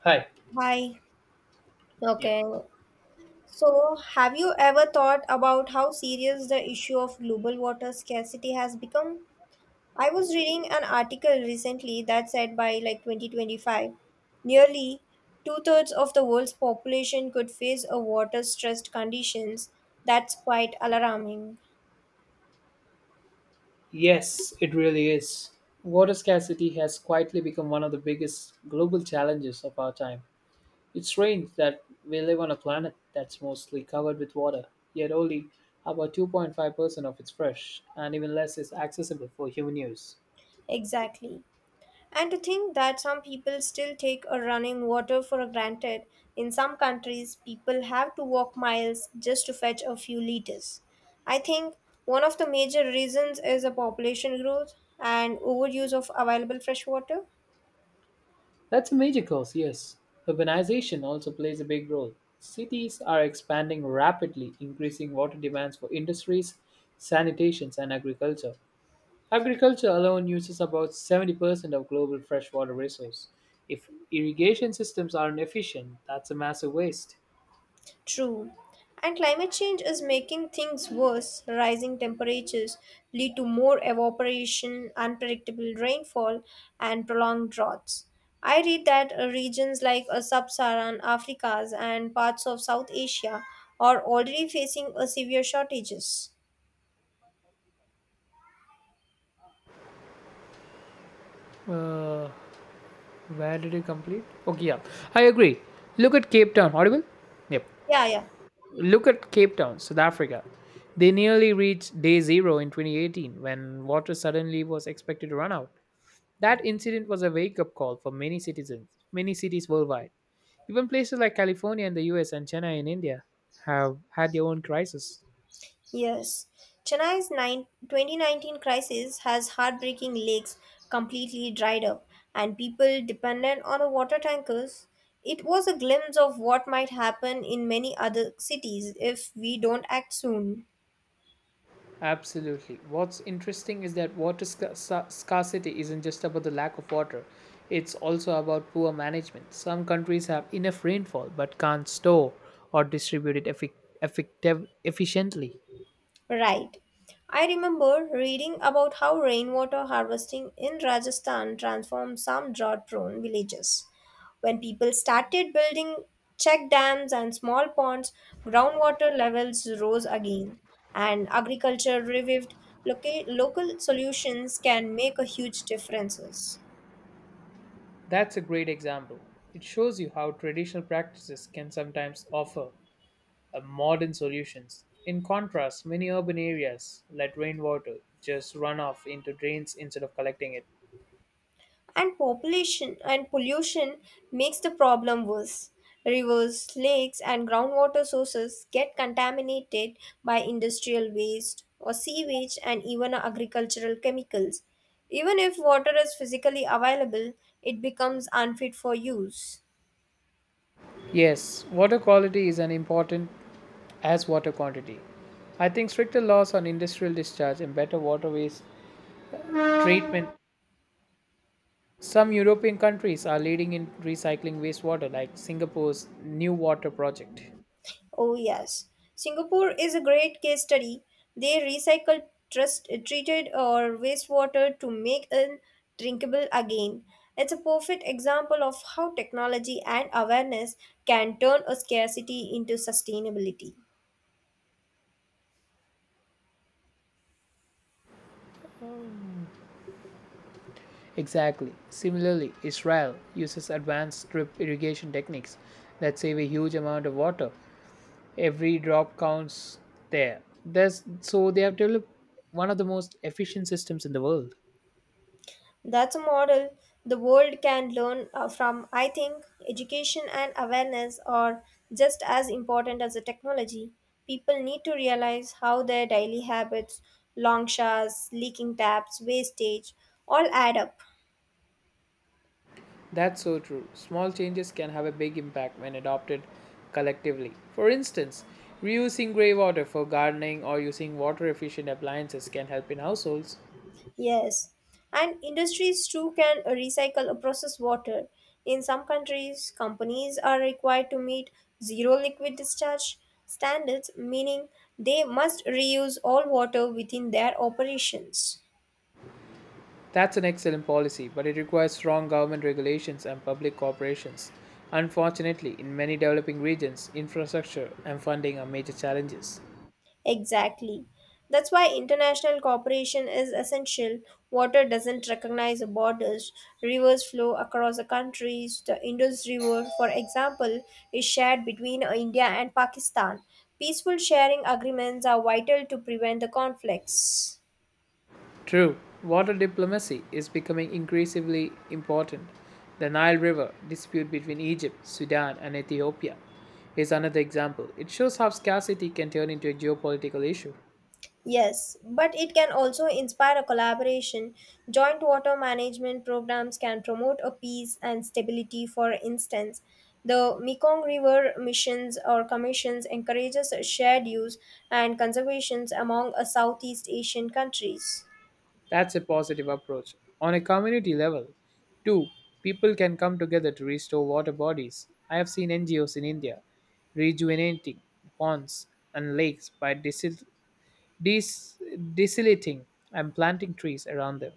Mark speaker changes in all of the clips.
Speaker 1: Hi.
Speaker 2: Hi.
Speaker 1: Yep.
Speaker 2: Okay. So, have you ever thought about how serious the issue of global water scarcity has become? I was reading an article recently that said by like 2025, nearly two-thirds of the world's population could face a water stressed conditions. That's quite alarming.
Speaker 1: Yes, it really is. Water scarcity has quietly become one of the biggest global challenges of our time. It's strange that we live on a planet that's mostly covered with water, yet only about 2.5% of it's fresh, and even less is accessible for human use.
Speaker 2: Exactly. And to think that some people still take a running water for granted. In some countries, people have to walk miles just to fetch a few liters. I think one of the major reasons is the population growth and overuse of available fresh water.
Speaker 1: That's a major cause, yes. Urbanization also plays a big role. Cities are expanding rapidly, increasing water demands for industries, sanitations, and agriculture. Agriculture alone uses about 70% of global freshwater resource. If irrigation systems aren't efficient, that's a massive waste.
Speaker 2: True. And climate change is making things worse. Rising temperatures lead to more evaporation, unpredictable rainfall, and prolonged droughts. I read that regions like sub-Saharan Africa and parts of South Asia are already facing a severe shortages.
Speaker 1: Uh, where did you complete? Okay, yeah, I agree. Look at Cape Town. Audible? Yep.
Speaker 2: Yeah, yeah.
Speaker 1: Look at Cape Town, South Africa. They nearly reached day zero in 2018 when water suddenly was expected to run out. That incident was a wake up call for many citizens, many cities worldwide. Even places like California in the US and Chennai in India have had their own crisis.
Speaker 2: Yes, Chennai's nine 2019 crisis has heartbreaking lakes completely dried up and people dependent on the water tankers. It was a glimpse of what might happen in many other cities if we don't act soon.
Speaker 1: Absolutely. What's interesting is that water scarcity isn't just about the lack of water, it's also about poor management. Some countries have enough rainfall but can't store or distribute it efficiently.
Speaker 2: Right. I remember reading about how rainwater harvesting in Rajasthan transformed some drought prone villages. When people started building check dams and small ponds, groundwater levels rose again, and agriculture revived. Local solutions can make a huge difference.
Speaker 1: That's a great example. It shows you how traditional practices can sometimes offer modern solutions. In contrast, many urban areas let rainwater just run off into drains instead of collecting it.
Speaker 2: And population and pollution makes the problem worse. Rivers, lakes, and groundwater sources get contaminated by industrial waste or sewage and even agricultural chemicals. Even if water is physically available, it becomes unfit for use.
Speaker 1: Yes, water quality is as important as water quantity. I think stricter laws on industrial discharge and better waterways treatment. Some European countries are leading in recycling wastewater, like Singapore's New Water Project.
Speaker 2: Oh, yes. Singapore is a great case study. They recycle trust, treated or wastewater to make it drinkable again. It's a perfect example of how technology and awareness can turn a scarcity into sustainability.
Speaker 1: Exactly. Similarly, Israel uses advanced drip irrigation techniques that save a huge amount of water, every drop counts. There's so they have developed one of the most efficient systems in the world.
Speaker 2: That's a model the world can learn from. I think education and awareness are just as important as the technology. People need to realize how their daily habits, long showers, leaking taps, wastage, all add up.
Speaker 1: That's so true, small changes can have a big impact when adopted collectively. For instance, reusing grey water for gardening or using water efficient appliances can help in households.
Speaker 2: Yes, and industries too can recycle or process water. In some countries, companies are required to meet zero liquid discharge standards, meaning they must reuse all water within their operations.
Speaker 1: That's an excellent policy, but it requires strong government regulations and public corporations. Unfortunately, in many developing regions, infrastructure and funding are major challenges.
Speaker 2: Exactly. That's why international cooperation is essential. Water doesn't recognize borders. Rivers flow across the countries. The Indus River, for example, is shared between India and Pakistan. Peaceful sharing agreements are vital to prevent the conflicts.
Speaker 1: True, water diplomacy is becoming increasingly important. The Nile River dispute between Egypt, Sudan, and Ethiopia is another example. It shows how scarcity can turn into a geopolitical issue.
Speaker 2: Yes, but it can also inspire a collaboration. Joint water management programs can promote a peace and stability. For instance, the Mekong River missions or commissions encourages shared use and conservations among Southeast Asian countries.
Speaker 1: That's a positive approach. On a community level, too, people can come together to restore water bodies. I have seen NGOs in India rejuvenating ponds and lakes by dis- desalating and planting trees around them.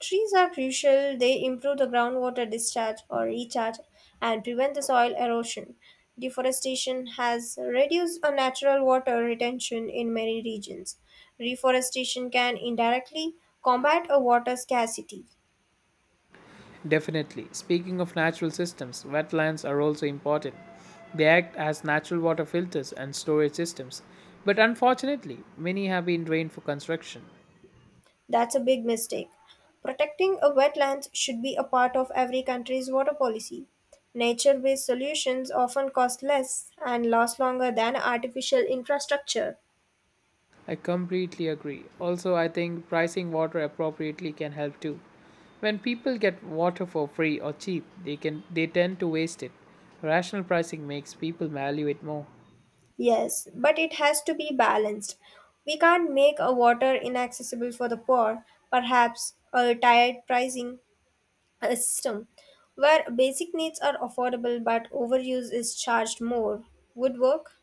Speaker 2: Trees are crucial. They improve the groundwater discharge or recharge and prevent the soil erosion. Deforestation has reduced a natural water retention in many regions. Reforestation can indirectly combat a water scarcity.
Speaker 1: Definitely. Speaking of natural systems, wetlands are also important. They act as natural water filters and storage systems, but unfortunately, many have been drained for construction.
Speaker 2: That's a big mistake. Protecting a wetlands should be a part of every country's water policy. Nature based solutions often cost less and last longer than artificial infrastructure.
Speaker 1: I completely agree. Also, I think pricing water appropriately can help too. When people get water for free or cheap, they tend to waste it. Rational pricing makes people value it more.
Speaker 2: Yes, but it has to be balanced. We can't make a water inaccessible for the poor. Perhaps a tiered pricing system where basic needs are affordable but overuse is charged more would work.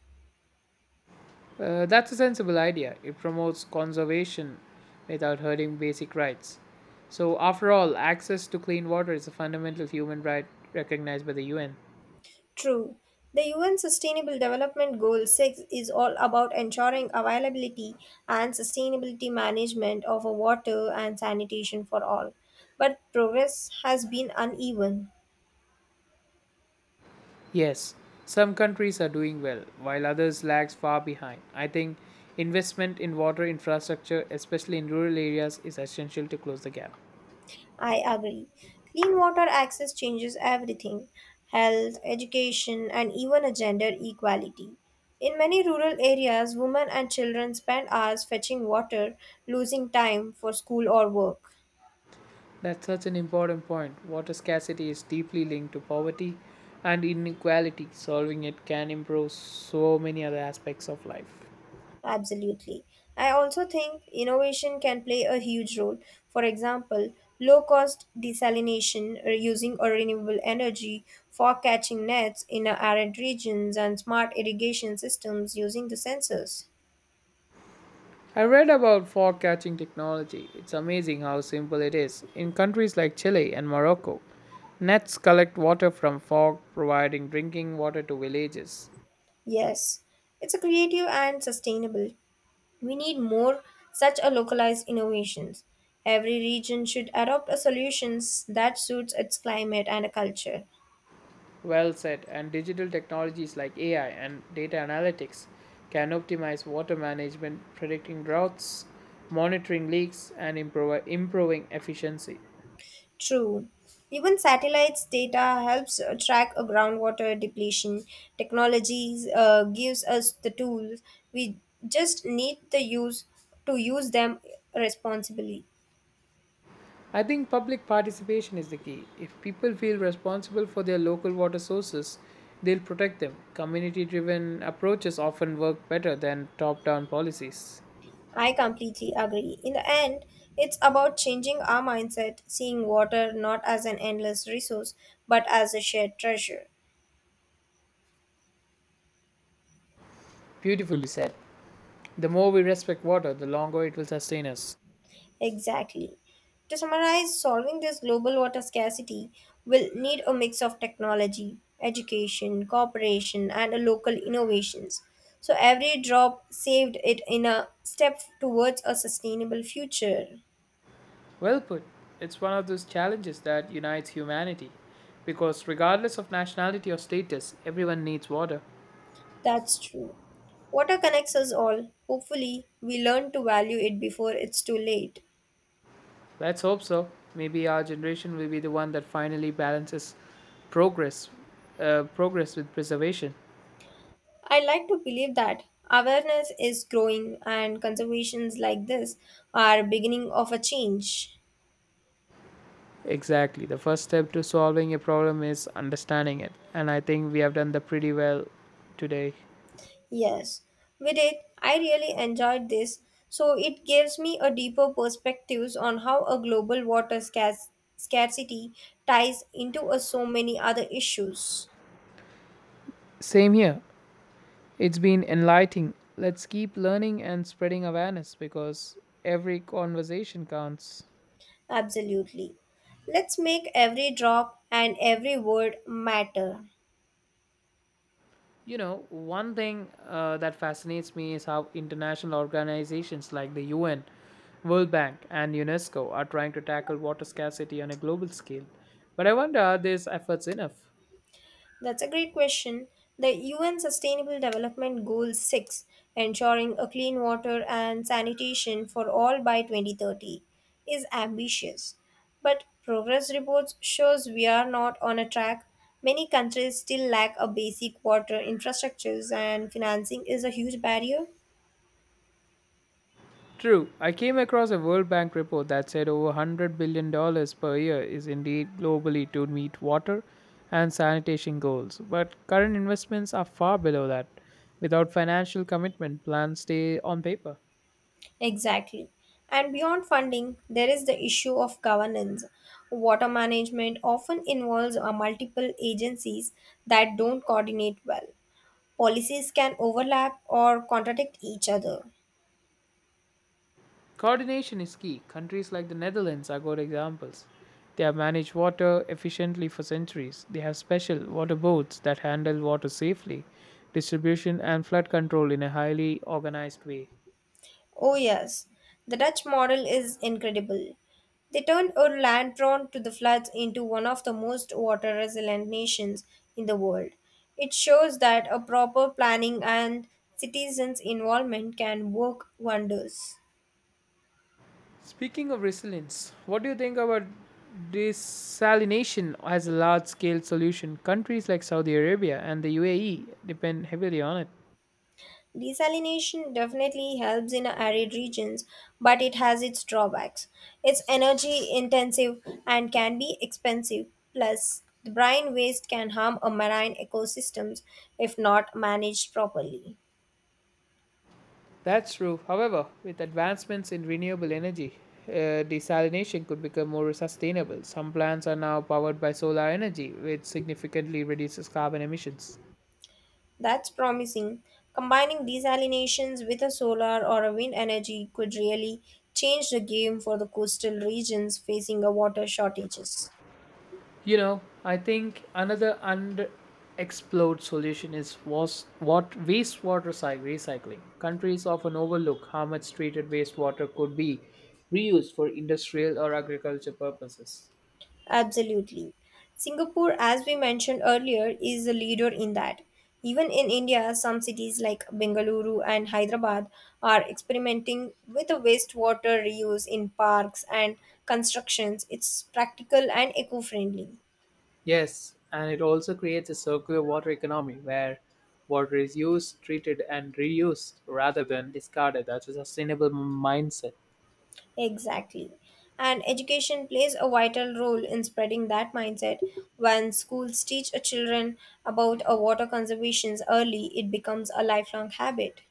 Speaker 1: That's a sensible idea. It promotes conservation without hurting basic rights. So, after all, access to clean water is a fundamental human right recognized by the UN.
Speaker 2: True. The UN Sustainable Development Goal 6 is all about ensuring availability and sustainability management of water and sanitation for all. But progress has been uneven.
Speaker 1: Yes, some countries are doing well, while others lags far behind. I think investment in water infrastructure, especially in rural areas, is essential to close the gap.
Speaker 2: I agree. Clean water access changes everything health, education, and even a gender equality. In many rural areas, women and children spend hours fetching water, losing time for school or work.
Speaker 1: That's such an important point. Water scarcity is deeply linked to poverty and inequality. Solving it can improve so many other aspects of life.
Speaker 2: Absolutely. I also think innovation can play a huge role. For example, low cost desalination, reusing or renewable energy, for catching nets in arid regions, and smart irrigation systems using the sensors.
Speaker 1: I read about fog catching technology. It's amazing how simple it is. In countries like Chile and Morocco, nets collect water from fog, providing drinking water to villages.
Speaker 2: Yes, it's a creative and sustainable. We need more such a localized innovations. Every region should adopt a solutions that suits its climate and culture.
Speaker 1: Well said, and digital technologies like AI and data analytics can optimize water management, predicting droughts, monitoring leaks, and improving efficiency.
Speaker 2: True. Even satellites data helps track a groundwater depletion. Technologies gives us the tools. We just need the use to use them responsibly.
Speaker 1: I think public participation is the key. If people feel responsible for their local water sources, they'll protect them. Community driven approaches often work better than top down policies.
Speaker 2: I completely agree. In the end, it's about changing our mindset, seeing water not as an endless resource, but as a shared treasure.
Speaker 1: Beautifully said. The more we respect water, the longer it will sustain us.
Speaker 2: Exactly. To summarize, solving this global water scarcity will need a mix of technology, education, cooperation, and a local innovations. So every drop saved it in a step towards a sustainable future.
Speaker 1: Well put. It's one of those challenges that unites humanity. Because regardless of nationality or status, everyone needs water.
Speaker 2: That's true. Water connects us all. Hopefully, we learn to value it before it's too late.
Speaker 1: Let's hope so. Maybe our generation will be the one that finally balances progress, progress with preservation.
Speaker 2: I like to believe that awareness is growing and conservations like this are beginning of a change.
Speaker 1: Exactly. The first step to solving a problem is understanding it. And I think we have done that pretty well today.
Speaker 2: Yes, with it, I really enjoyed this. So it gives me a deeper perspectives on how a global water scarcity ties into a so many other issues.
Speaker 1: Same here. It's been enlightening. Let's keep learning and spreading awareness because every conversation counts.
Speaker 2: Absolutely. Let's make every drop and every word matter.
Speaker 1: You know, one thing that fascinates me is how international organizations like the UN, World Bank, and UNESCO are trying to tackle water scarcity on a global scale. But I wonder, are these efforts enough?
Speaker 2: That's a great question. The UN Sustainable Development Goal 6, ensuring a clean water and sanitation for all by 2030, is ambitious. But progress reports shows we are not on a track. Many countries still lack a basic water infrastructures and financing is a huge barrier.
Speaker 1: True. I came across a World Bank report that said over $100 billion dollars per year is indeed globally to meet water and sanitation goals, but current investments are far below that. Without financial commitment, plans stay on paper.
Speaker 2: Exactly. And beyond funding, there is the issue of governance. Water management often involves multiple agencies that don't coordinate well. Policies can overlap or contradict each other.
Speaker 1: Coordination is key. Countries like the Netherlands are good examples. They have managed water efficiently for centuries. They have special water boards that handle water safely, distribution, and flood control in a highly organized way.
Speaker 2: Oh, yes, the Dutch model is incredible. They turned a land prone to the floods into one of the most water resilient nations in the world. It shows that a proper planning and citizens' involvement can work wonders.
Speaker 1: Speaking of resilience, what do you think about desalination as a large scale solution? Countries like Saudi Arabia and the UAE depend heavily on it.
Speaker 2: Desalination definitely helps in arid regions, but it has its drawbacks. It's energy intensive and can be expensive. Plus, the brine waste can harm a marine ecosystems if not managed properly.
Speaker 1: That's true. However, with advancements in renewable energy, desalination could become more sustainable. Some plants are now powered by solar energy, which significantly reduces carbon emissions.
Speaker 2: That's promising. Combining desalinations with a solar or a wind energy could really change the game for the coastal regions facing a water shortages.
Speaker 1: You know, I think another underexplored solution is wastewater recycling. Countries often overlook how much treated wastewater could be reused for industrial or agriculture purposes.
Speaker 2: Absolutely. Singapore, as we mentioned earlier, is a leader in that. Even in India, some cities like Bengaluru and Hyderabad are experimenting with a wastewater reuse in parks and constructions. It's practical and eco friendly.
Speaker 1: Yes, and it also creates a circular water economy where water is used, treated, and reused rather than discarded. That's a sustainable mindset.
Speaker 2: Exactly. And education plays a vital role in spreading that mindset. When schools teach a children about a water conservation early, it becomes a lifelong habit.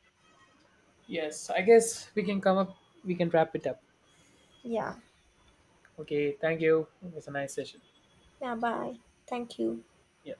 Speaker 1: Yes, I guess we can wrap it up.
Speaker 2: Yeah.
Speaker 1: Okay, thank you. It was a nice session.
Speaker 2: Yeah, bye. Thank you.
Speaker 1: Yeah.